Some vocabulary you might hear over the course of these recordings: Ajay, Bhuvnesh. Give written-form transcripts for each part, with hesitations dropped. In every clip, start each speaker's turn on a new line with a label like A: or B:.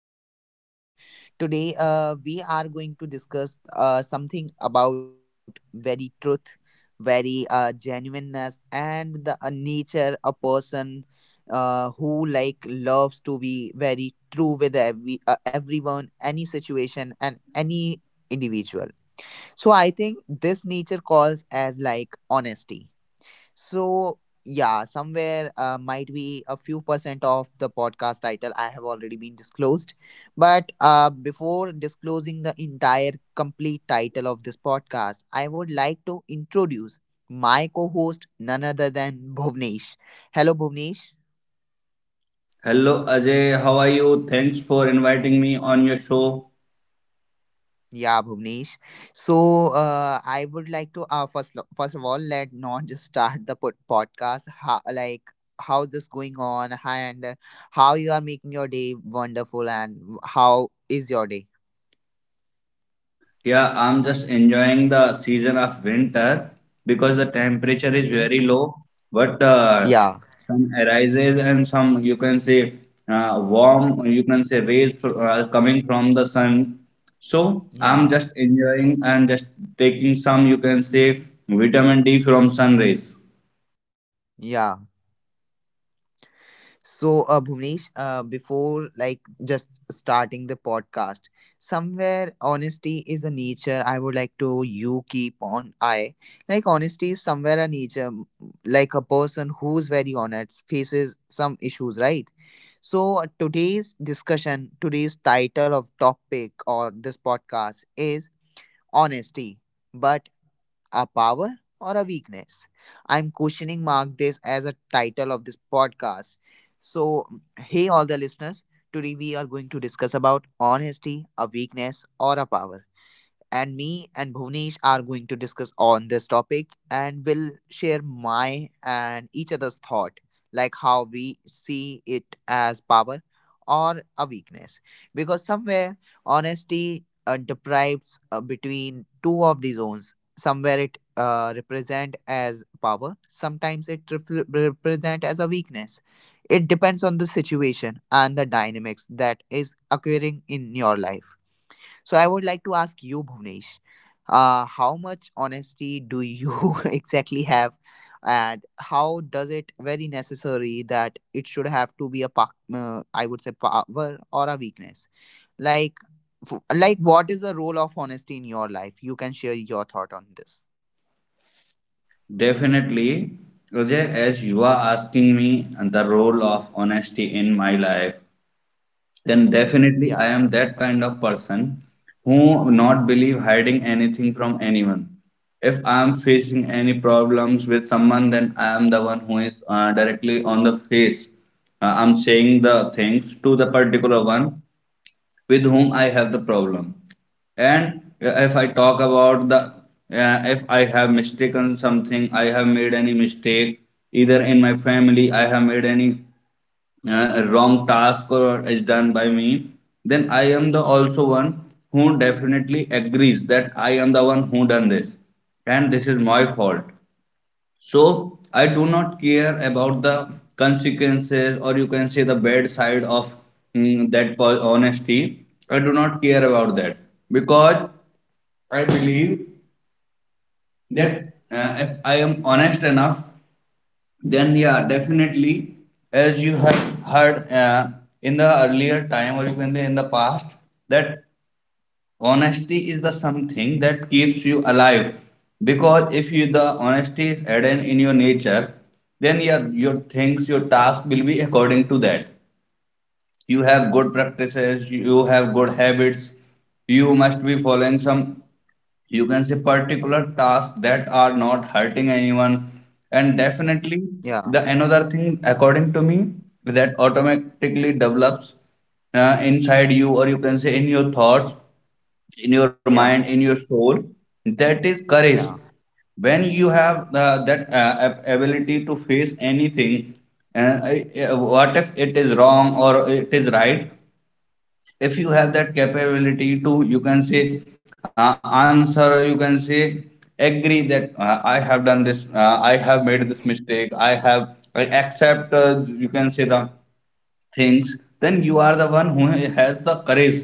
A: I am your host. Today, we are going to discuss something about very truth, very genuineness, and the nature a person who like loves to be very true with everyone, any situation, and any individual. So I think this nature calls as like honesty so yeah, somewhere might be a few percent of the podcast title I have already been disclosed. But before disclosing the entire complete title of this podcast, I would like to introduce my co-host, none other than Bhuvnesh. Hello, Bhuvnesh.
B: Hello, Ajay, how are you? Thanks for inviting me on your show.
A: Yeah, Bhuvnesh. So I would like to first of all let not just start the podcast how, like how this going on and how you are making your day wonderful and how is your day?
B: Yeah, I'm just enjoying the season of winter because the temperature is
A: Okay.
B: very low, but
A: Yeah.
B: some arises and some you can say warm, you can say rays coming from the sun. So I'm
A: Yeah.
B: just enjoying and just taking some you can say vitamin D from sun rays.
A: Yeah. So, Bhuvnesh, before like just starting the podcast, somewhere honesty is a nature. I would like to you keep on eye. Like honesty is somewhere a nature, like a person who's very honest faces some issues, right? So today's discussion, today's title of topic or this podcast is honesty. But a power or a weakness? I'm questioning mark this as a title of this podcast. So, hey, all the listeners, today we are going to discuss about honesty, a weakness, or a power and me and Bhuvnesh are going to discuss on this topic and we'll share my and each other's thought, like how we see it as power or a weakness. Because somewhere honesty deprives between two of the zones. Somewhere it represent as power. Sometimes it refl represent as a weakness. It depends on the situation and the dynamics that is occurring in your life so I would like to ask you, Bhuvnesh, how much honesty do you exactly have, and how does it very necessary that it should have to be a I would say power or a weakness? Like, like what is the role of honesty in your life? You can share your thought on this.
B: Definitely, Ajay, as you are asking me the role of honesty in my life, then definitely
A: Yeah,
B: I am that kind of person who not believe hiding anything from anyone. If I am facing any problems with someone, then I am the one who is directly on the face. I'm saying the things to the particular one with whom I have the problem. And if I talk about the, if I have mistaken something, I have made any mistake, either in my family, I have made any wrong task or is done by me, then I am the also one who definitely agrees that I am the one who done this and this is my fault, so I do not care about the consequences, or you can say the bad side of that honesty. I do not care about that because I believe that if I am honest enough, then yeah, definitely, as you have heard in the earlier time, or you can say in the past, that honesty is the something that keeps you alive because if you the honesty is hidden in your nature then your things your task will be according to that. You have good practices, you have good habits, you must be following some you can say particular tasks that are not hurting anyone, and definitely the
A: yeah,
B: another thing according to me that automatically develops inside you or you can say in your thoughts, in your mind, in
A: yeah,
B: your soul. That is courage.
A: yeah.
B: When you have that ability to face anything, what if it is wrong or it is right? If you have that capability to, you can say, answer, you can say, agree that I have done this, I have made this mistake, I have, I accept, you can say, the things, then you are the one who has the courage.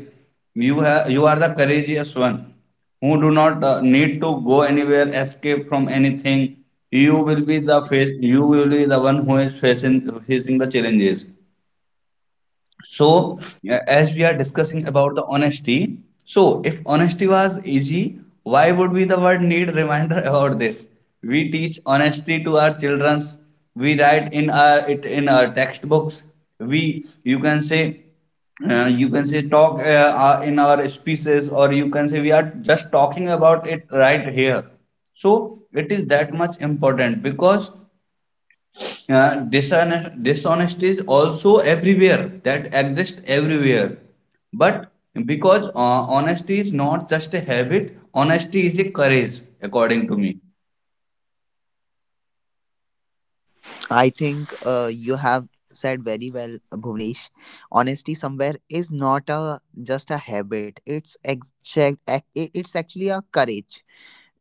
B: You have you are the courageous one who do not need to go anywhere, escape from anything. You will be the face. You will be the one who is facing the challenges. So, as we are discussing about the honesty, so if honesty was easy, why would we the word need reminder about this? We teach honesty to our childrens. We write in our it in our textbooks. We you can say talk in our speeches or you can say we are just talking about it right here, so it is that much important because dishonesty is also everywhere that exists everywhere, but because honesty is not just a habit, honesty is a courage according to me.
A: I think you have said very well, Bhuvnesh. Honesty somewhere is not a just a habit. It's it's actually a courage.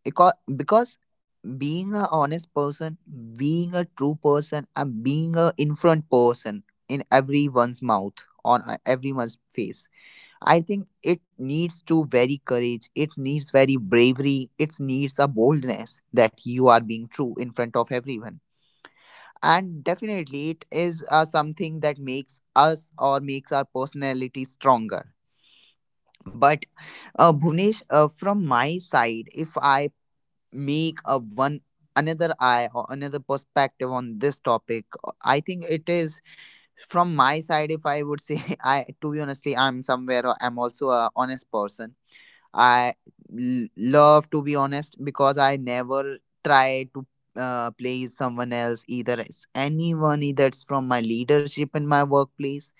A: Because being a honest person, being a true person, and being a in front person in everyone's mouth on everyone's face. I think it needs to very courage. It needs very bravery. It needs a boldness that you are being true in front of everyone and definitely it is something that makes us or makes our personality stronger but Bhuvnesh from my side if I make a one another eye or another perspective on this topic I think it is from my side if I would say I to be honestly I'm somewhere I'm also a honest person I love to be honest because I never try to please someone else either it's anyone either it's from my leadership in my workplace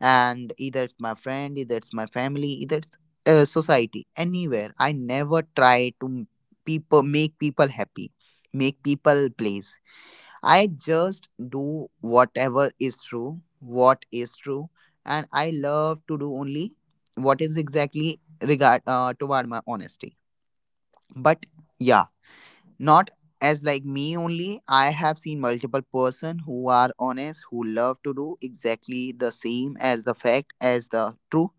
A: and either it's my friend either it's my family either it's society anywhere I never try to people make people happy make people please I just do whatever is true, what is true, and I love to do only what is exactly regard toward my honesty. But yeah, not as like me only. I have seen multiple person who are honest, who love to do exactly the same as the fact as the true,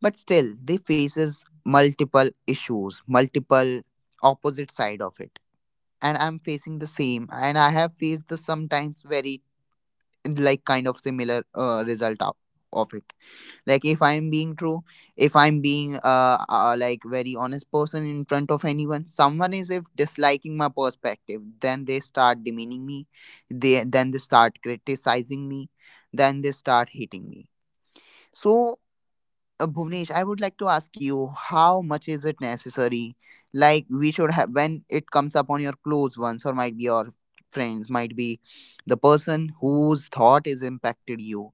A: but still they faces multiple issues, multiple opposite side of it and I'm facing the same and I have faced the sometimes very like kind of similar result out of it like if I'm being true if I'm being like very honest person in front of anyone someone is if disliking my perspective then they start demeaning me they then they start criticizing me then they start hating me so Bhuvnesh, I would like to ask you how much is it necessary? Like we should have when it comes upon your close ones or might be your friends, might be the person whose thought is impacted you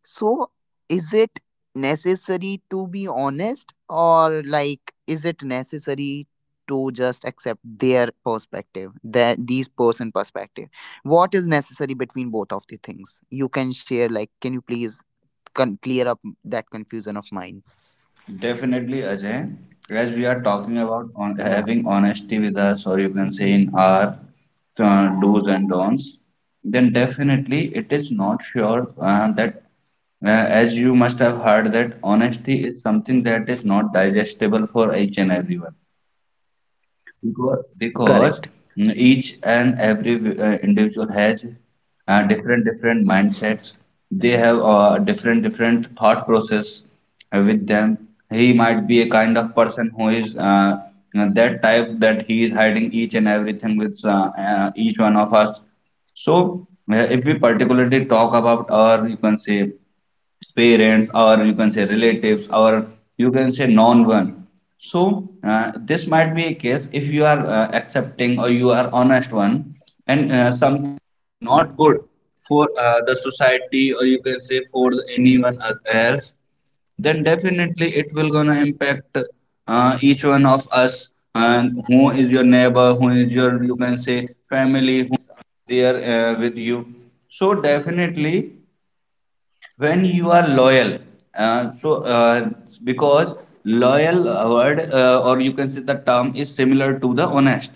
A: so, is it necessary to be honest, or like, is it necessary to just accept their perspective, that these person perspective? What is necessary between both of the things? You can share, like, can you please clear up that confusion of mine?
B: Definitely, Ajay, as we are talking about on,
A: Yeah,
B: having honesty with us or you can say in our do's and don'ts, then definitely it is not sure that as you must have heard that honesty is something that is not digestible for each and everyone. Because
A: correct.
B: each and every individual has different different mindsets. They have different different thought process with them. He might be a kind of person who is that type that he is hiding each and everything with each one of us. So if we particularly talk about our, you can say parents or you can say relatives or you can say non one, so this might be a case if you are accepting or you are honest one. Uh, so uh, because loyal word or you can say the term is similar to the honest,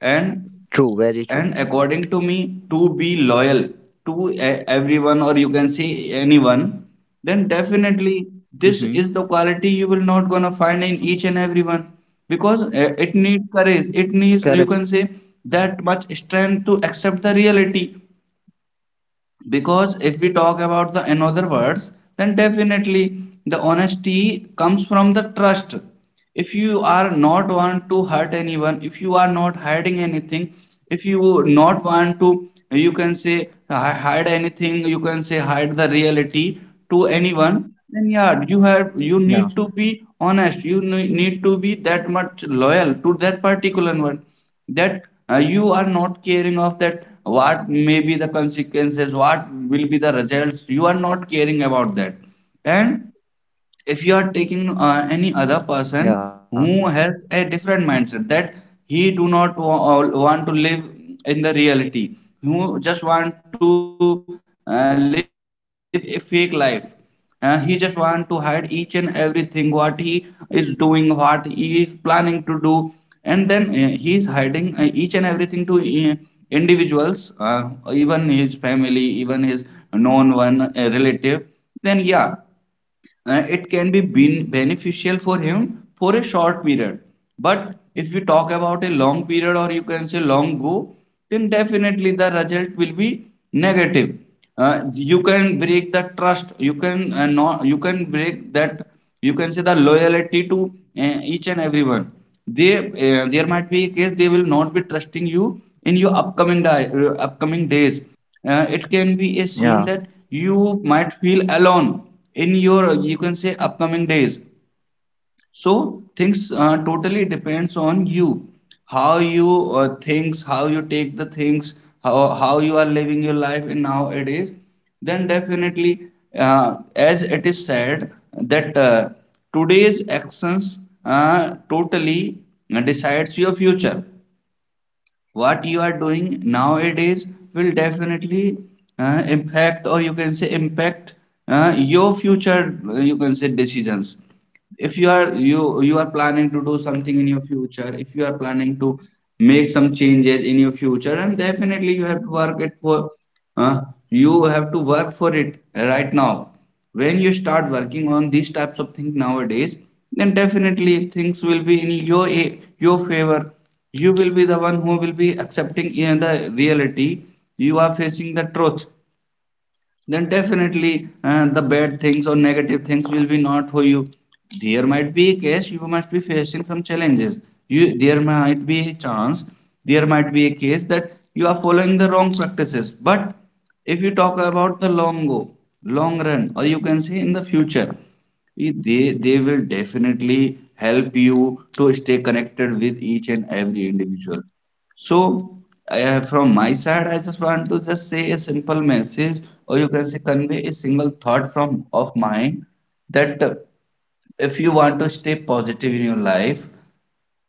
B: and
A: True, very true.
B: according to me to be loyal to everyone or you can say anyone, then definitely
A: Mm-hmm.
B: this is the quality you will not gonna find in each and everyone because it needs courage, it
A: Correct.
B: needs you can say that much strength to accept the reality because if
A: Yeah,
B: we talk about the another words, then definitely the honesty comes from the trust. If you are not want to hurt anyone, if you are not hiding anything, if you not want to you can say hide anything, you can say hide the reality to anyone, then yeah you
A: yeah,
B: have you need to be honest, you need to be that much loyal to that particular one, that you are not caring of that what may be the consequences, what will be the results, you are not caring about that. And if you are
A: yeah,
B: taking any other person who has a different mindset that he do not want to live in the reality, who just want to live a fake life. He just want to hide each and everything what he is doing, what he is planning to do, and then he is hiding each and everything to individuals, uh, even his family, even his known one relative. Then yeah, it can be
A: yeah.
B: beneficial for him for a short period, but if you talk about a long period or you can say long go, then definitely the result will be
A: Mm-hmm.
B: negative. You can break the trust, you can
A: Yeah.
B: no, you can break that you can say the loyalty to each and everyone. They there might be a case they will not be trusting you in your upcoming days. It can be a scene that you might feel alone in your you can say upcoming days. So things totally depends on you, how you things how you take the things, how you are living your life in nowadays, then definitely as it is said that today's actions totally decides your future, what you are doing
A: So I think
B: nowadays
A: Bhuvnesh,
B: will
A: somewhere you have
B: definitely
A: said a very well
B: impact or
A: things,
B: you can say
A: and
B: impact
A: in front of all the
B: your
A: listeners,
B: future you can say
A: like
B: decisions.
A: somewhere you have
B: If you are
A: mentioned,
B: you you are planning to
A: honesty's
B: do something in your
A: importance.
B: future, if
A: Honesty
B: you are
A: how
B: planning
A: plays
B: to
A: a role.
B: make some changes in your future, and definitely you have to work it for uh, you have to work for it right now. When you start working on these types of things nowadays, then definitely things will be in your favor. You will be the one who will be accepting in the reality, you are facing the truth, then definitely the bad things or negative things will be not for you. There might be a case you must be facing some challenges. You there might be a chance, there might be a case that you are following the wrong practices. But if you talk about the long go, long run, or you can say in the future, e, they will definitely help you to stay connected with each and every individual. So from my side, I just want to just say a simple message, or you can say convey a single thought from of mine, that if you want to stay positive in your life,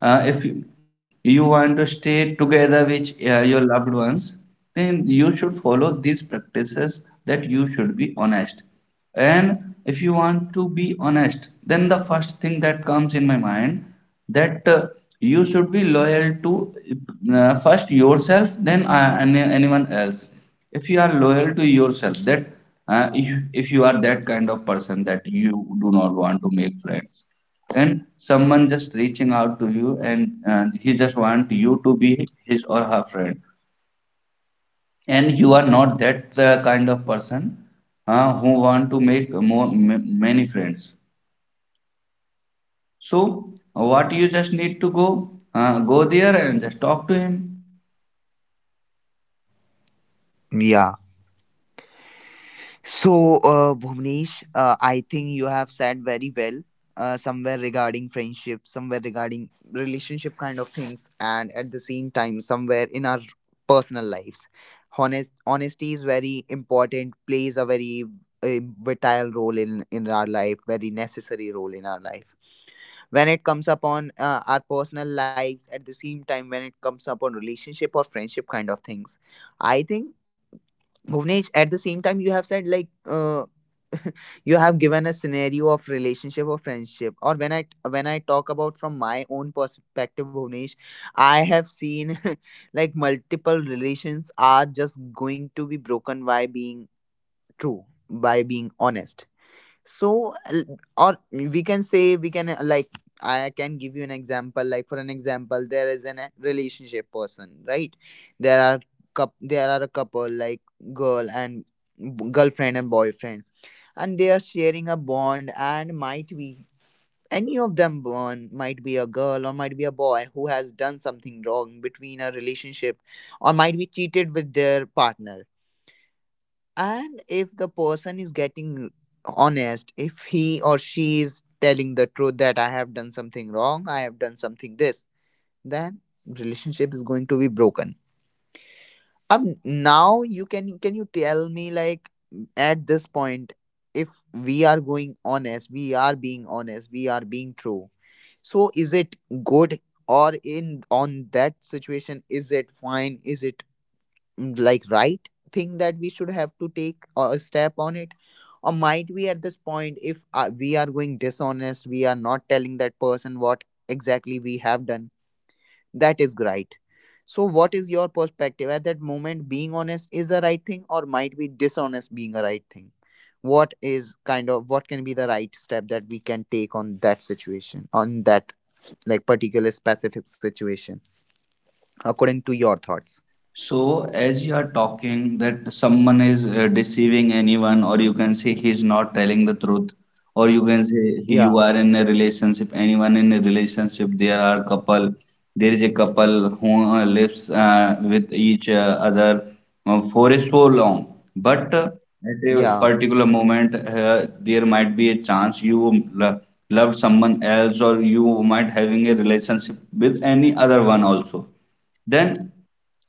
B: if you you want to stay together with your loved ones, then you should follow these practices that you should be honest. And if you want to be honest, then the first thing that comes in my mind that you should be loyal to first yourself, then anyone else. If you are loyal to yourself, that if you are that kind of person that you do not want to make friends, and someone just reaching out to you and he just want you to be his or her friend, and you are not that kind of person who want to make more many friends, so what you just need to go go there and just talk to him.
A: Yeah. So, Bhuvnesh, I think you have said very well. Somewhere regarding friendship, somewhere regarding relationship kind of things, and at the same time, somewhere in our personal lives. Honesty is very important. Plays a very uh, vital role in our life. Very necessary role in our life. When it comes upon our personal lives, at the same time, when it comes upon relationship or friendship kind of things, I think Bhuvnesh, at the same time, you have said like you have given a scenario of relationship or friendship. Or when I talk about from my own perspective, Bhuvnesh, I have seen like multiple relations are just going to be broken by being true, by being honest so or we can say we can like I can give you an example like for an example there is an a relationship person right there are cup there are a couple like girl and girlfriend and boyfriend and they are sharing a bond and might be any of them born might be a girl or might be a boy who has done something wrong between a relationship or might be cheated with their partner and if the person is getting honest, if he or she is telling the truth that I have done something wrong, I have done something this, then relationship is going to be broken. Now you can you tell me like at this point if we are going honest, we are being honest, we are being true. So is it good or in on that situation is it fine? Is it mm, like right thing that we should have to take or a step on it or might we at this point if we are going dishonest we are not telling that person what exactly we have done that is right so what is your perspective at that moment being honest is a right thing or might be dishonest being a right thing what is kind of what can be the right step that we can take on that situation on that like particular specific situation according to your thoughts
B: So, as you are talking that someone is deceiving anyone, or you can say he's not telling the truth, or you can say you
A: yeah
B: are in a relationship, anyone in a relationship, there are couple, there is a couple who lives with each other for so long, but at a
A: yeah
B: particular moment, there might be a chance you loved someone else, or you might having a relationship with any other one also. Then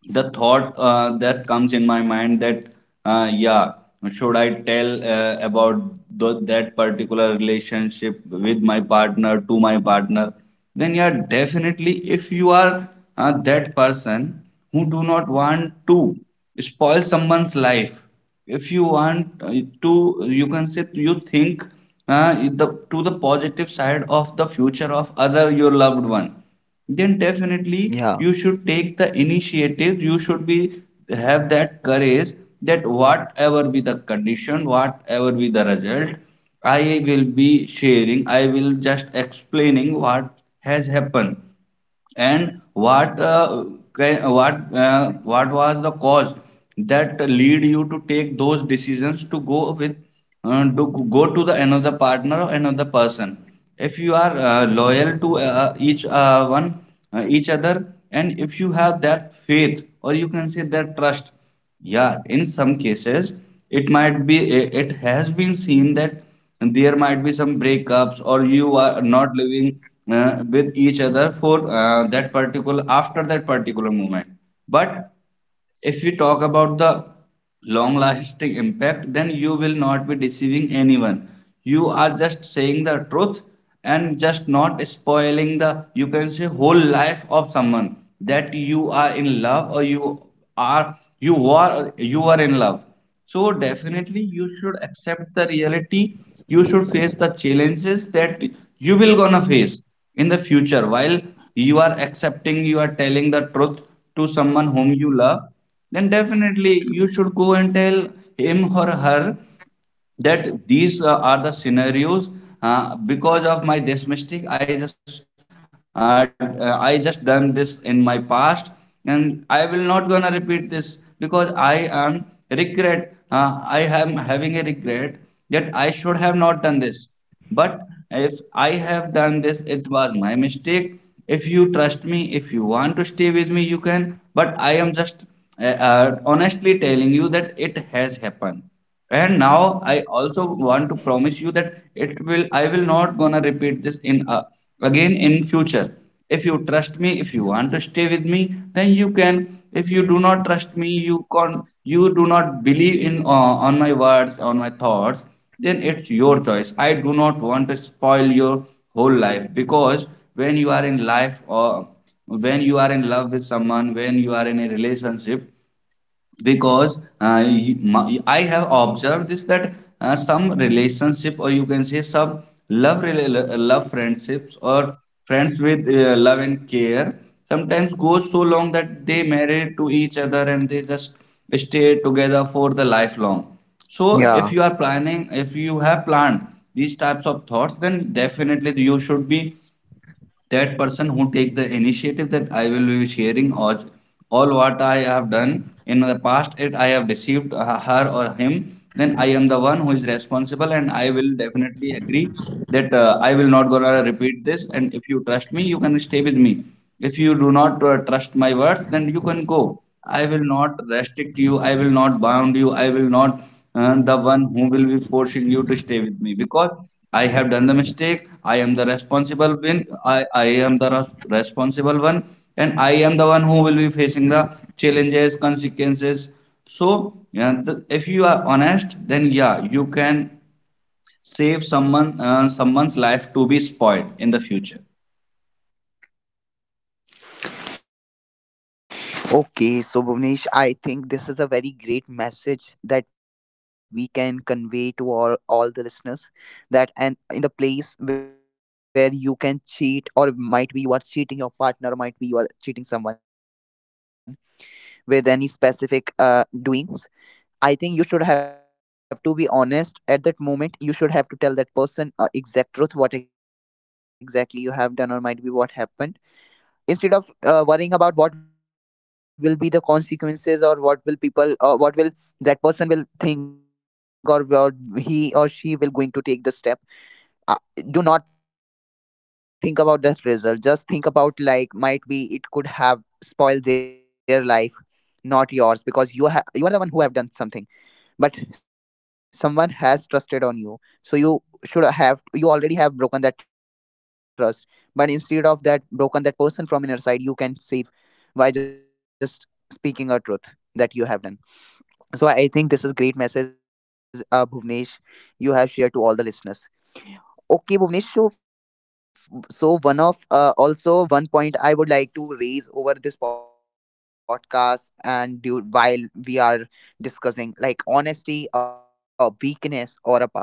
B: the thought that comes in my mind that uh, yeah should I tell about that particular relationship with my partner to my partner. Then yeah, definitely if you are that person who do not want to spoil someone's life, if you want to, you can say you think uh, the, to the positive side of the future of other your loved one, then definitely
A: yeah
B: you should take the initiative, you should be have that courage, that whatever be the condition, whatever be the result, I will be sharing, I will just explaining what has happened, and what what was the cause that lead you to take those decisions to go with to go to the another partner or another person. If you are loyal to each one, each other, and if you have that faith, or you can say that trust, yeah, in some cases, it might be, it has been seen that there might be some breakups, or you are not living with each other for after that particular moment. But if we talk about the long lasting impact, then you will not be deceiving anyone, you are just saying the truth, and just not spoiling the, you can say, whole life of someone that you are in love, or you are in love. So definitely you should accept the reality. You should face the challenges that you will gonna face in the future. While you are accepting, you are telling the truth to someone whom you love, then definitely you should go and tell him or her that these are the scenarios, because of my this mistake I just I just done this in my past, and I will not gonna repeat this because I am regret, I am having a regret that I should have not done this. But if I have done this, it was my mistake. If you trust me, if you want to stay, but I am just honestly telling you that it has happened, and now I also want to promise you that it will, I will not gonna repeat this in again in future. If you trust me, if you want to stay with me, then you can. If you do not trust me, you can, you do not believe in on my words, on my thoughts, then it's your choice. I do not want to spoil your whole life, because when you are in life, or when you are in love with someone, when you are in a relationship, because I have observed this, that some relationship, or you can say some love friendships, or friends with love and care, sometimes goes so long that they marry to each other and they just stay together for the lifelong. So if you
A: yeah.
B: are planning, if you have planned these types of thoughts, then definitely you should be that person who take the initiative, that I will be sharing, or all what I have done in the past, it I have deceived her or him, then I am the one who is responsible, and I will definitely agree that I will not gonna repeat this, and if you trust me, you can stay with me. If you do not trust my words, then you can go. I will not restrict you, I will not bound you, I will not the one who will be forcing you to stay with me, because I have done the mistake. I am the responsible one. I am the responsible one, and I am the one who will be facing the challenges, consequences. So yeah, if you are honest, then yeah, you can save someone someone's life to be spoiled in the future.
A: Okay, so Bhuvnesh, I think this is a very great message that we can convey to all the listeners that and in the place where you can cheat or might be you are cheating your partner or might be you are cheating someone with any specific doings. I think you should have to be honest at that moment. You should have to tell that person exact truth what exactly you have done or might be what happened instead of worrying about what will be the consequences or what will people or what will that person will think or what he or she will going to take the step uh, do not think about that result just think about like might be it could have spoiled their life not yours because you are the one who have done something but someone has trusted on you so you should have you already have broken that trust but instead of that broken that person from inner side you can save by just speaking a truth that you have done so I think this is great message Bhuvnesh you have shared to all the listeners. Okay, Bhuvnesh. So, so one of also one point I would like to raise over this podcast and do, while we are discussing like honesty, a weakness, or a power.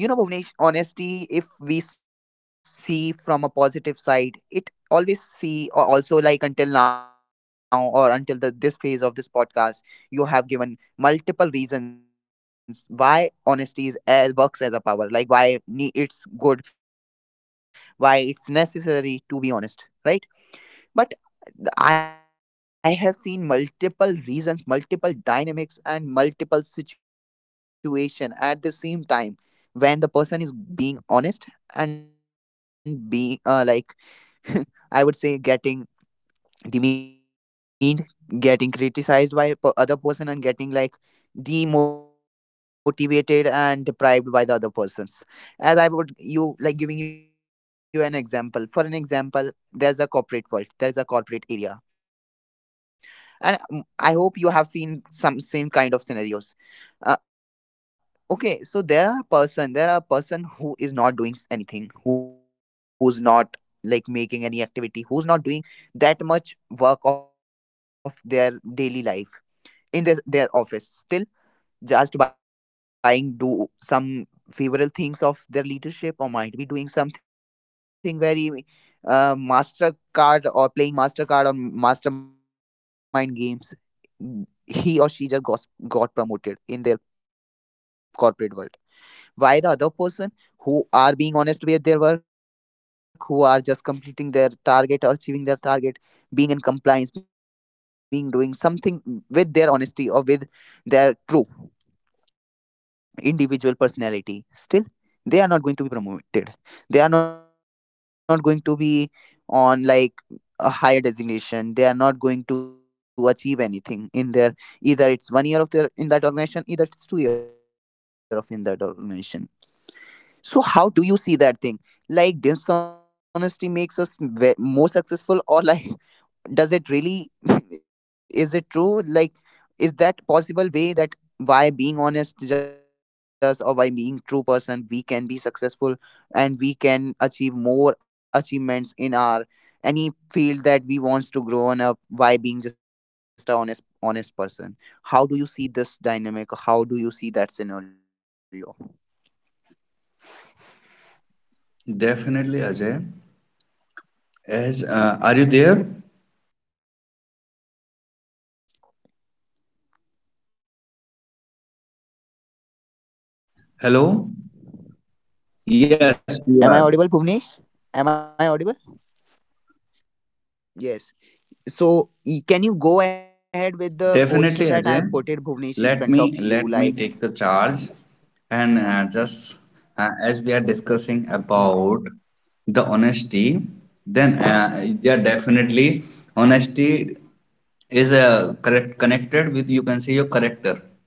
A: You know, Bhuvnesh, honesty, if we see from a positive side, it always see or also like until now or until the this phase of this podcast, you have given multiple reasons why honesty is as works as a power, like why it's good, why it's necessary to be honest, right? But I have seen multiple reasons, multiple dynamics, and multiple situation at the same time when the person is being honest and being like I would say getting demeaned, getting criticized by other person, and getting like demotivated and deprived by the other persons. As I would you like giving you an example, for an example, there's a corporate world, there's a corporate area, and I hope you have seen some same kind of scenarios. uh, okay, so there are person, there are person who is not doing anything, who's not like making any activity, who's not doing that much work of their daily life in this their office, still just buying do some favorable things of their leadership, or might be doing something very master card, or playing mastercard or mastermind games, he or she just got promoted in their corporate world. Why the other person who are being honest with their work, who are just completing their target or achieving their target, being in compliance, being doing something with their honesty or with their true individual personality, still they are not going to be promoted, they are not going to be on like a higher designation, they are not going to achieve anything in their, either it's one year of their in that organization, either it's two year of in that organization. So, how do you see that thing? Like, dishonesty makes us more successful, or like, does it really? Is it true? Like, is that possible way that why being honest just or by being true person we can be successful and we can achieve more achievements in our any field that we wants to grow on up by being just a honest person? How do you see this dynamic? How do you see that scenario? Am I audible,
B: Definitely,
A: Bhuvnesh?
B: Ajay. As are you
A: Yeah.
B: there?
A: Yes, I am.
B: Hello.
A: Am I audible,
B: Yes, you are.
A: Bhuvnesh? Am I audible? Yes. So, can you go ahead with the question that I have put it,
B: Definitely,
A: Bhuvnesh, in
B: Ajay.
A: front of you?
B: Let
A: Like,
B: me let me take the
A: yeah,
B: charge, and just as we are
A: yeah.
B: discussing about the honesty, then yeah, definitely honesty is correct connected with, you can say, your character.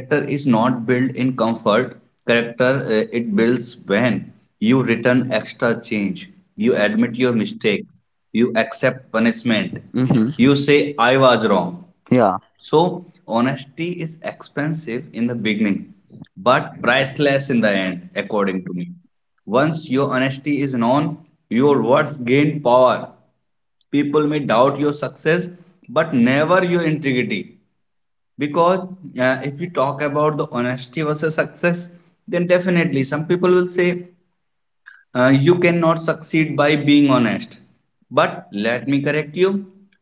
B: Character is not built in. Character it builds when you return extra change, you admit your mistake, you accept
A: Mm-hmm.
B: punishment, you say I
A: Yeah.
B: was wrong. So, honesty is expensive in the beginning, but priceless in the end, according to me. Once your honesty is known, your words gain power. People may doubt your success, but never your integrity. Because if you talk about the honesty versus success, then definitely some people will say, you cannot succeed by being honest. But let me correct you.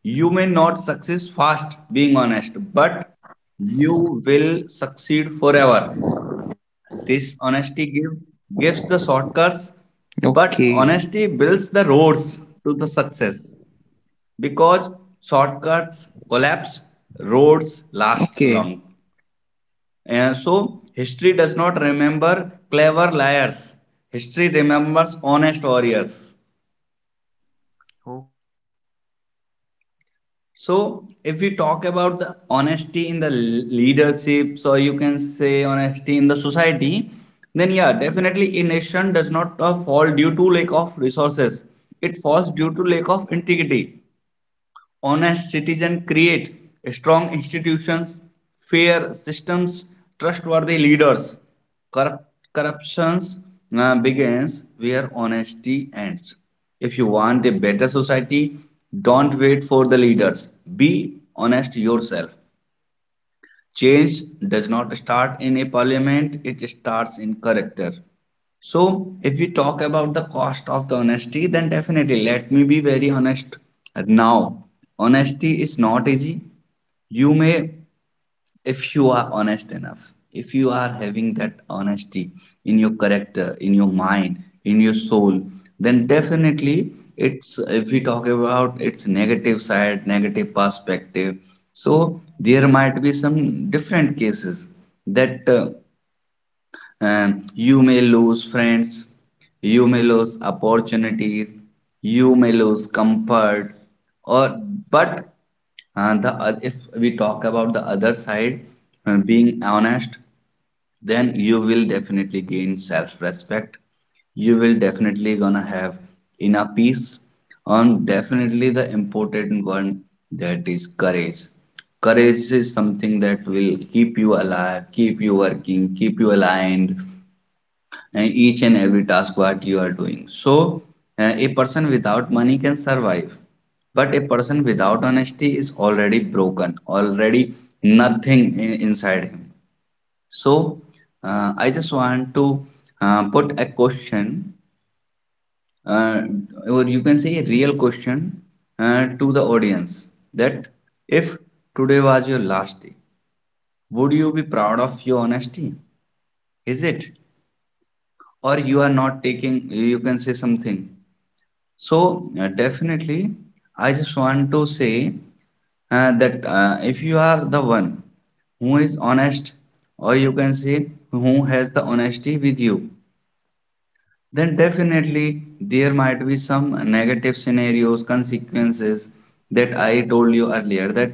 B: You may not succeed fast being honest, but you will succeed forever. Gives the shortcuts,
A: Okay.
B: but honesty builds the roads to the success. Because shortcuts collapse,
A: Okay.
B: roads last long. So, history does not remember clever liars. History remembers honest warriors. So,
A: Okay.
B: if we talk about the honesty in the leadership, so you can say honesty in the society, then yeah, definitely a nation does not fall due to
A: Mm-hmm.
B: lack of resources. It falls due to lack of integrity.
A: Yeah.
B: Honest citizens create strong
A: Yeah.
B: institutions, fair systems, trustworthy leaders. Corrup- corruption begins where honesty ends. If you want a better society, don't wait for the leaders. Be honest yourself. Change does not start in a parliament, it starts in character. So, if we talk about the cost of the honesty, then definitely let me be very honest now. Honesty is not easy, you may,
A: Yeah.
B: if you are honest enough, if you are having that honesty in your character, in your mind, in your soul, then definitely it's, if we talk about its negative side, negative perspective, so there might be some different cases that you may lose friends, you may lose opportunities, you may lose comfort, or but and the, if we talk about the other side, being honest, then you will definitely gain self-respect. You will definitely gonna have inner peace. And definitely the important one, that is courage. Courage is something that will keep you alive, keep you working, keep you aligned, each and every task what you are doing. So, a person without money can survive, but a person without honesty is already broken, already nothing inside him. So, I just want to put a question, uh, or you can say a real question to the audience, that if today was your last day, would you be proud of your honesty? Is it? Or you are not taking, you can say something. So definitely, I just want to say that if you are the one who is honest, or you can say who has the honesty with you, then definitely there might be some negative scenarios, consequences, that I told you earlier, that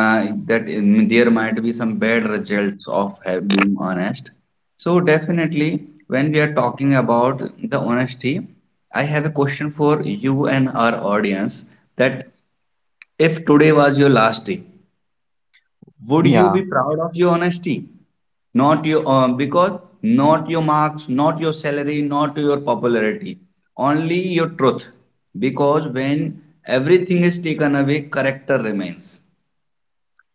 B: there might be some bad results of have being honest. So definitely, when we are talking about the honesty, I have a question for you and our audience, that if today was your last day, would you be
A: Yeah,
B: proud of your honesty? Not your because not your marks, not your salary, not your popularity, only your truth. Because when everything is taken away, character remains.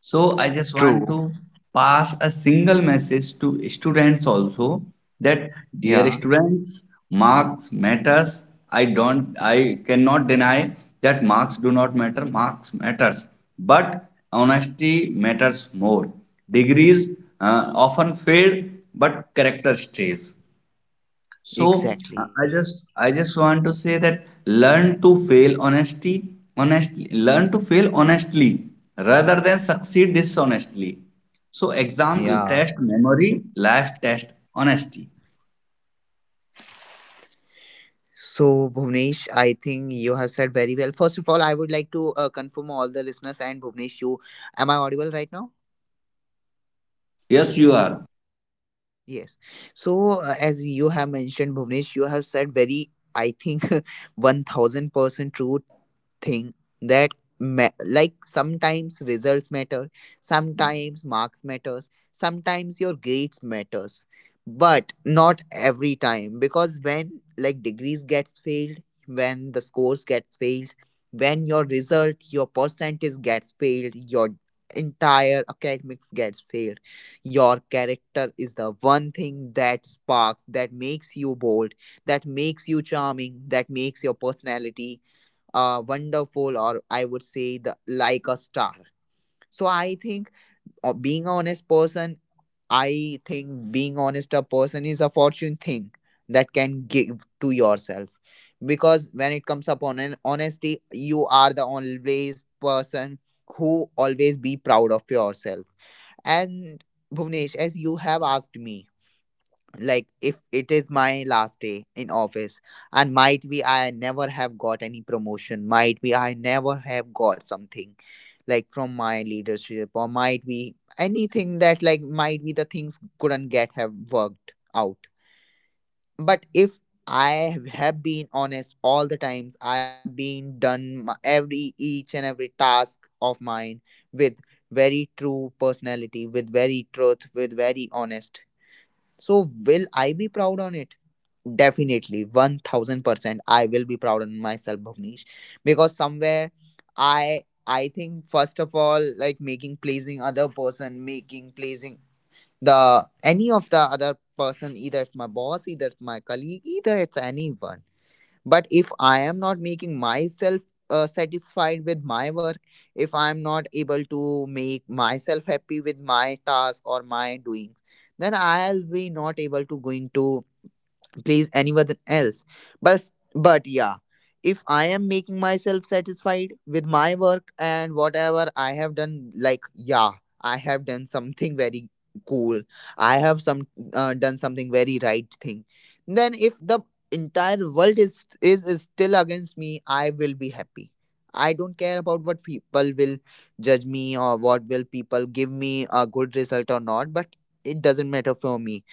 B: So I just want
A: true.
B: to pass a single message to students also, that dear
A: Yeah,
B: students, marks matters. I cannot deny that marks do not matter, marks matters, but honesty matters more. Degrees often fade, but character stays. So I
A: exactly.
B: I just I just want to say that learn to fail honesty honestly, learn to fail honestly rather than succeed dishonestly. So exam will
A: Yeah.
B: test memory, life test honesty.
A: So, Bhuvnesh, I think you have said very well. First of all, I would like to confirm all the listeners and Bhuvnesh, you am I audible right now?
B: Yes, you are.
A: Yes. So, as you have mentioned, Bhuvnesh, you have said very, I think, 1000% true thing that like sometimes results matter, sometimes marks matters, sometimes your grades matters, but not every time, because when like degrees gets failed, when the scores gets failed, when your result your percentage gets failed, your entire academics gets failed, your character is the one thing that sparks, that makes you bold, that makes you charming, that makes your personality wonderful, or I would say the like a star. So I think being a honest person, I think being honest a person is a fortune thing that can give to yourself, because when it comes upon an honesty, you are the always person who always be proud of yourself. And Bhuvnesh, as you have asked me, like, if it is my last day in office, and might be I never have got any promotion, might be I never have got something like from my leadership, or might be anything that like might be the things couldn't get have worked out, but if I have been honest all the times, I have been done every each and every task of mine with very true personality, with very truth, with very honest, so will I be proud on it? Definitely, 1000%. I will be proud on myself, Bhavnish, because somewhere I think, first of all, like making pleasing other person, making pleasing the any of the other person, either it's my boss, either it's my colleague, either it's anyone. But if I am not making myself satisfied with my work, if I am not able to make myself happy with my task or my doing, then I'll be not able to going to please anyone else. but but yeah, if I am making myself satisfied with my work and whatever I have done, like, yeah, I have done something very cool, I have some done something very right thing, then if the entire world is still against me, I will be happy. I don't care about what people will judge me or what will people give me a good result or not, but it doesn't matter for me.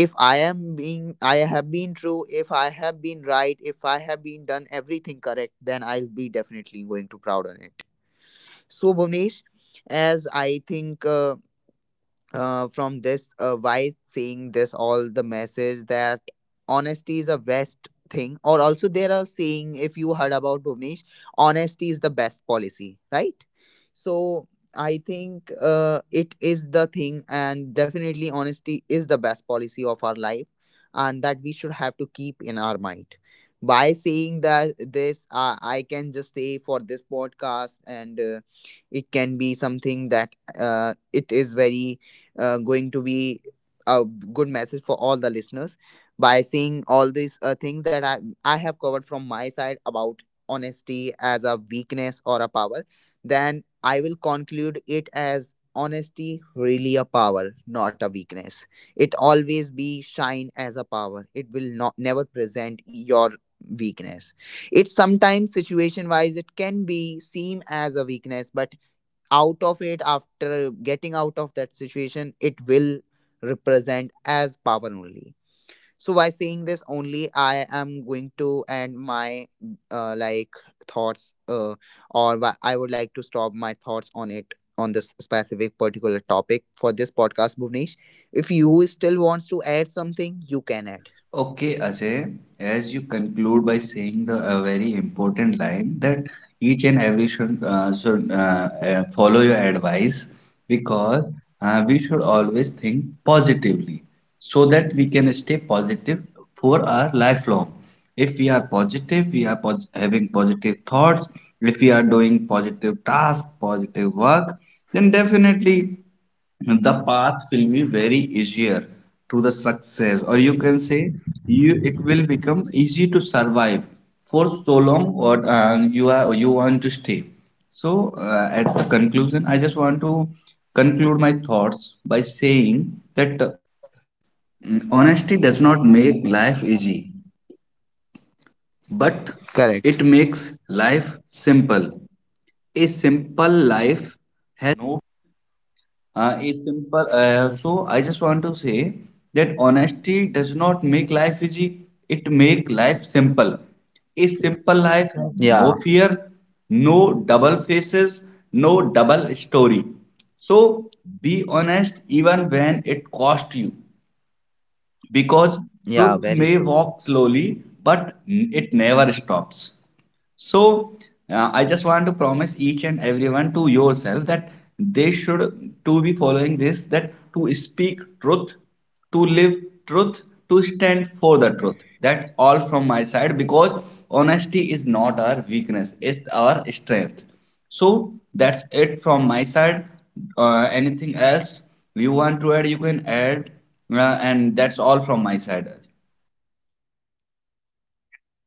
A: If I am being, I have been true, if I have been right, if I have been done everything correct, then I'll be definitely going to proud on it. So Bhuvnesh, as I think, from this why saying this all the message that honesty is a best thing, or also there are saying, if you heard about Bhuvnesh, honesty is the best policy, right? So I think it is the thing, and definitely honesty is the best policy of our life, and that we should have to keep in our mind. By saying that, this I can just say for this podcast, and it can be something that it is very going to be a good message for all the listeners. By seeing all these things that I have covered from my side about honesty as a weakness or a power, then I will conclude it as honesty really a power, not a weakness. It always be shine as a power, it will not never present your weakness. It sometimes situation wise, it can be seen as a weakness, but out of it, after getting out of that situation, it will represent as power only. So by saying this only, I am going to end my like thoughts, or I would like to stop my thoughts on it on this specific particular topic for this podcast, Bhuvnesh. If you still wants to add something, you can add.
B: Okay, Ajay, as you conclude by saying the a very important line, that each and every should, follow your advice, because we should always think positively so that we can stay positive for our lifelong. If we are positive, we are pos having positive thoughts, if we are doing positive tasks, positive work, then definitely the path will be very easier to the success, or you can say you it will become easy to survive for so long, or you are you want to stay. So at the conclusion I just want to conclude my thoughts by saying
A: Correct.
B: say that honesty does not make life easy, it make life simple. A simple life has
A: Yeah.
B: no fear, no double faces, no double story. So be honest even when it costs you, because
A: Yeah,
B: truth
A: very
B: may
A: true.
B: walk slowly but it never stops. So I just want to promise each and everyone to yourself that they should to be following this, that to speak truth, to live truth, to stand for the truth. All from my side, because honesty is not our weakness, it's our strength. So that's it from my side. Anything else you want to add, you can add, and that's all from my side.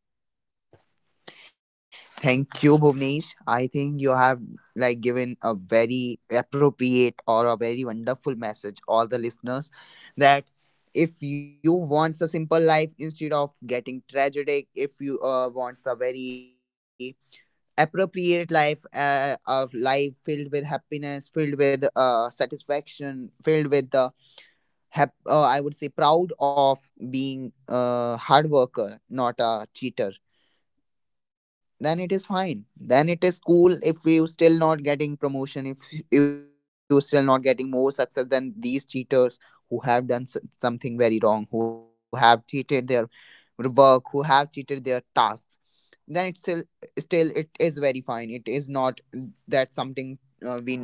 A: Thank you, Bhuvnesh. I think you have like given a very appropriate or a very wonderful message all the listeners that, if you want a simple life instead of getting tragic, if you want a very appropriate life of life filled with happiness, filled with satisfaction, filled with the I would say proud of being a hard worker, not a cheater, then it is fine, then it is cool. If you still not getting promotion, if you still not getting more success than these cheaters who have done something very wrong, who have cheated their work, who have cheated their tasks, then it's still, still it is very fine, it is not that something we needs to be failed on.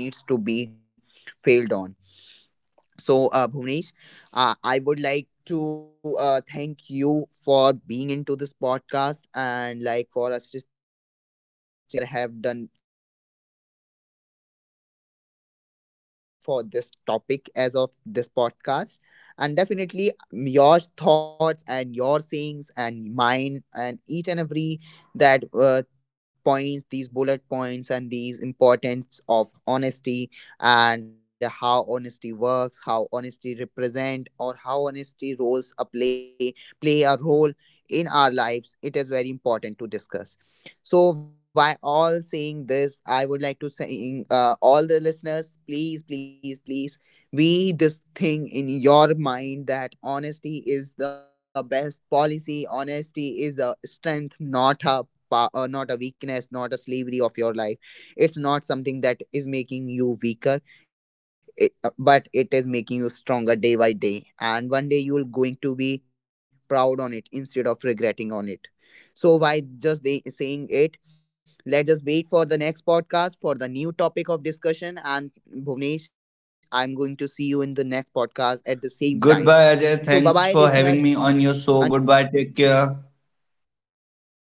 A: So, Bhuvnesh, I would like to thank you for being into this podcast and like for assisting in this such manner. And I am also somewhere have done for this topic as of this podcast. And definitely, mm, your thoughts and your sayings and mine and each and every that points, these bullet points and these importance of honesty, and how honesty works, how honesty represent, or how honesty roles a play a role in our lives. It is very important to discuss. So, by all saying this, I would like to say, all the listeners, please, please, please, we this thing in your mind that honesty is the best policy. Honesty is a strength, not a not a weakness, not a slavery of your life. It's not something that is making you weaker, it, but it is making you stronger day by day, and one day you will going to be proud on it instead of regretting on it. So why just they saying it, let's just wait for the next podcast for the new topic of discussion. And Bhuvnesh, I'm going to see you in the next podcast at the same time. So bye bye listeners, until now,
B: Goodbye, Ajay.
A: thank you
B: Thanks for
A: for
B: having me on your show. Goodbye. Take care.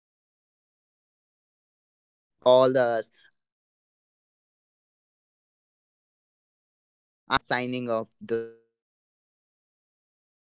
A: Yeah, Bhuvnesh. Bye, listeners. Thank you for being here and hearing all us. I'm your host, Ajay. Why saying bye bye, good, take care, signing off this podcast.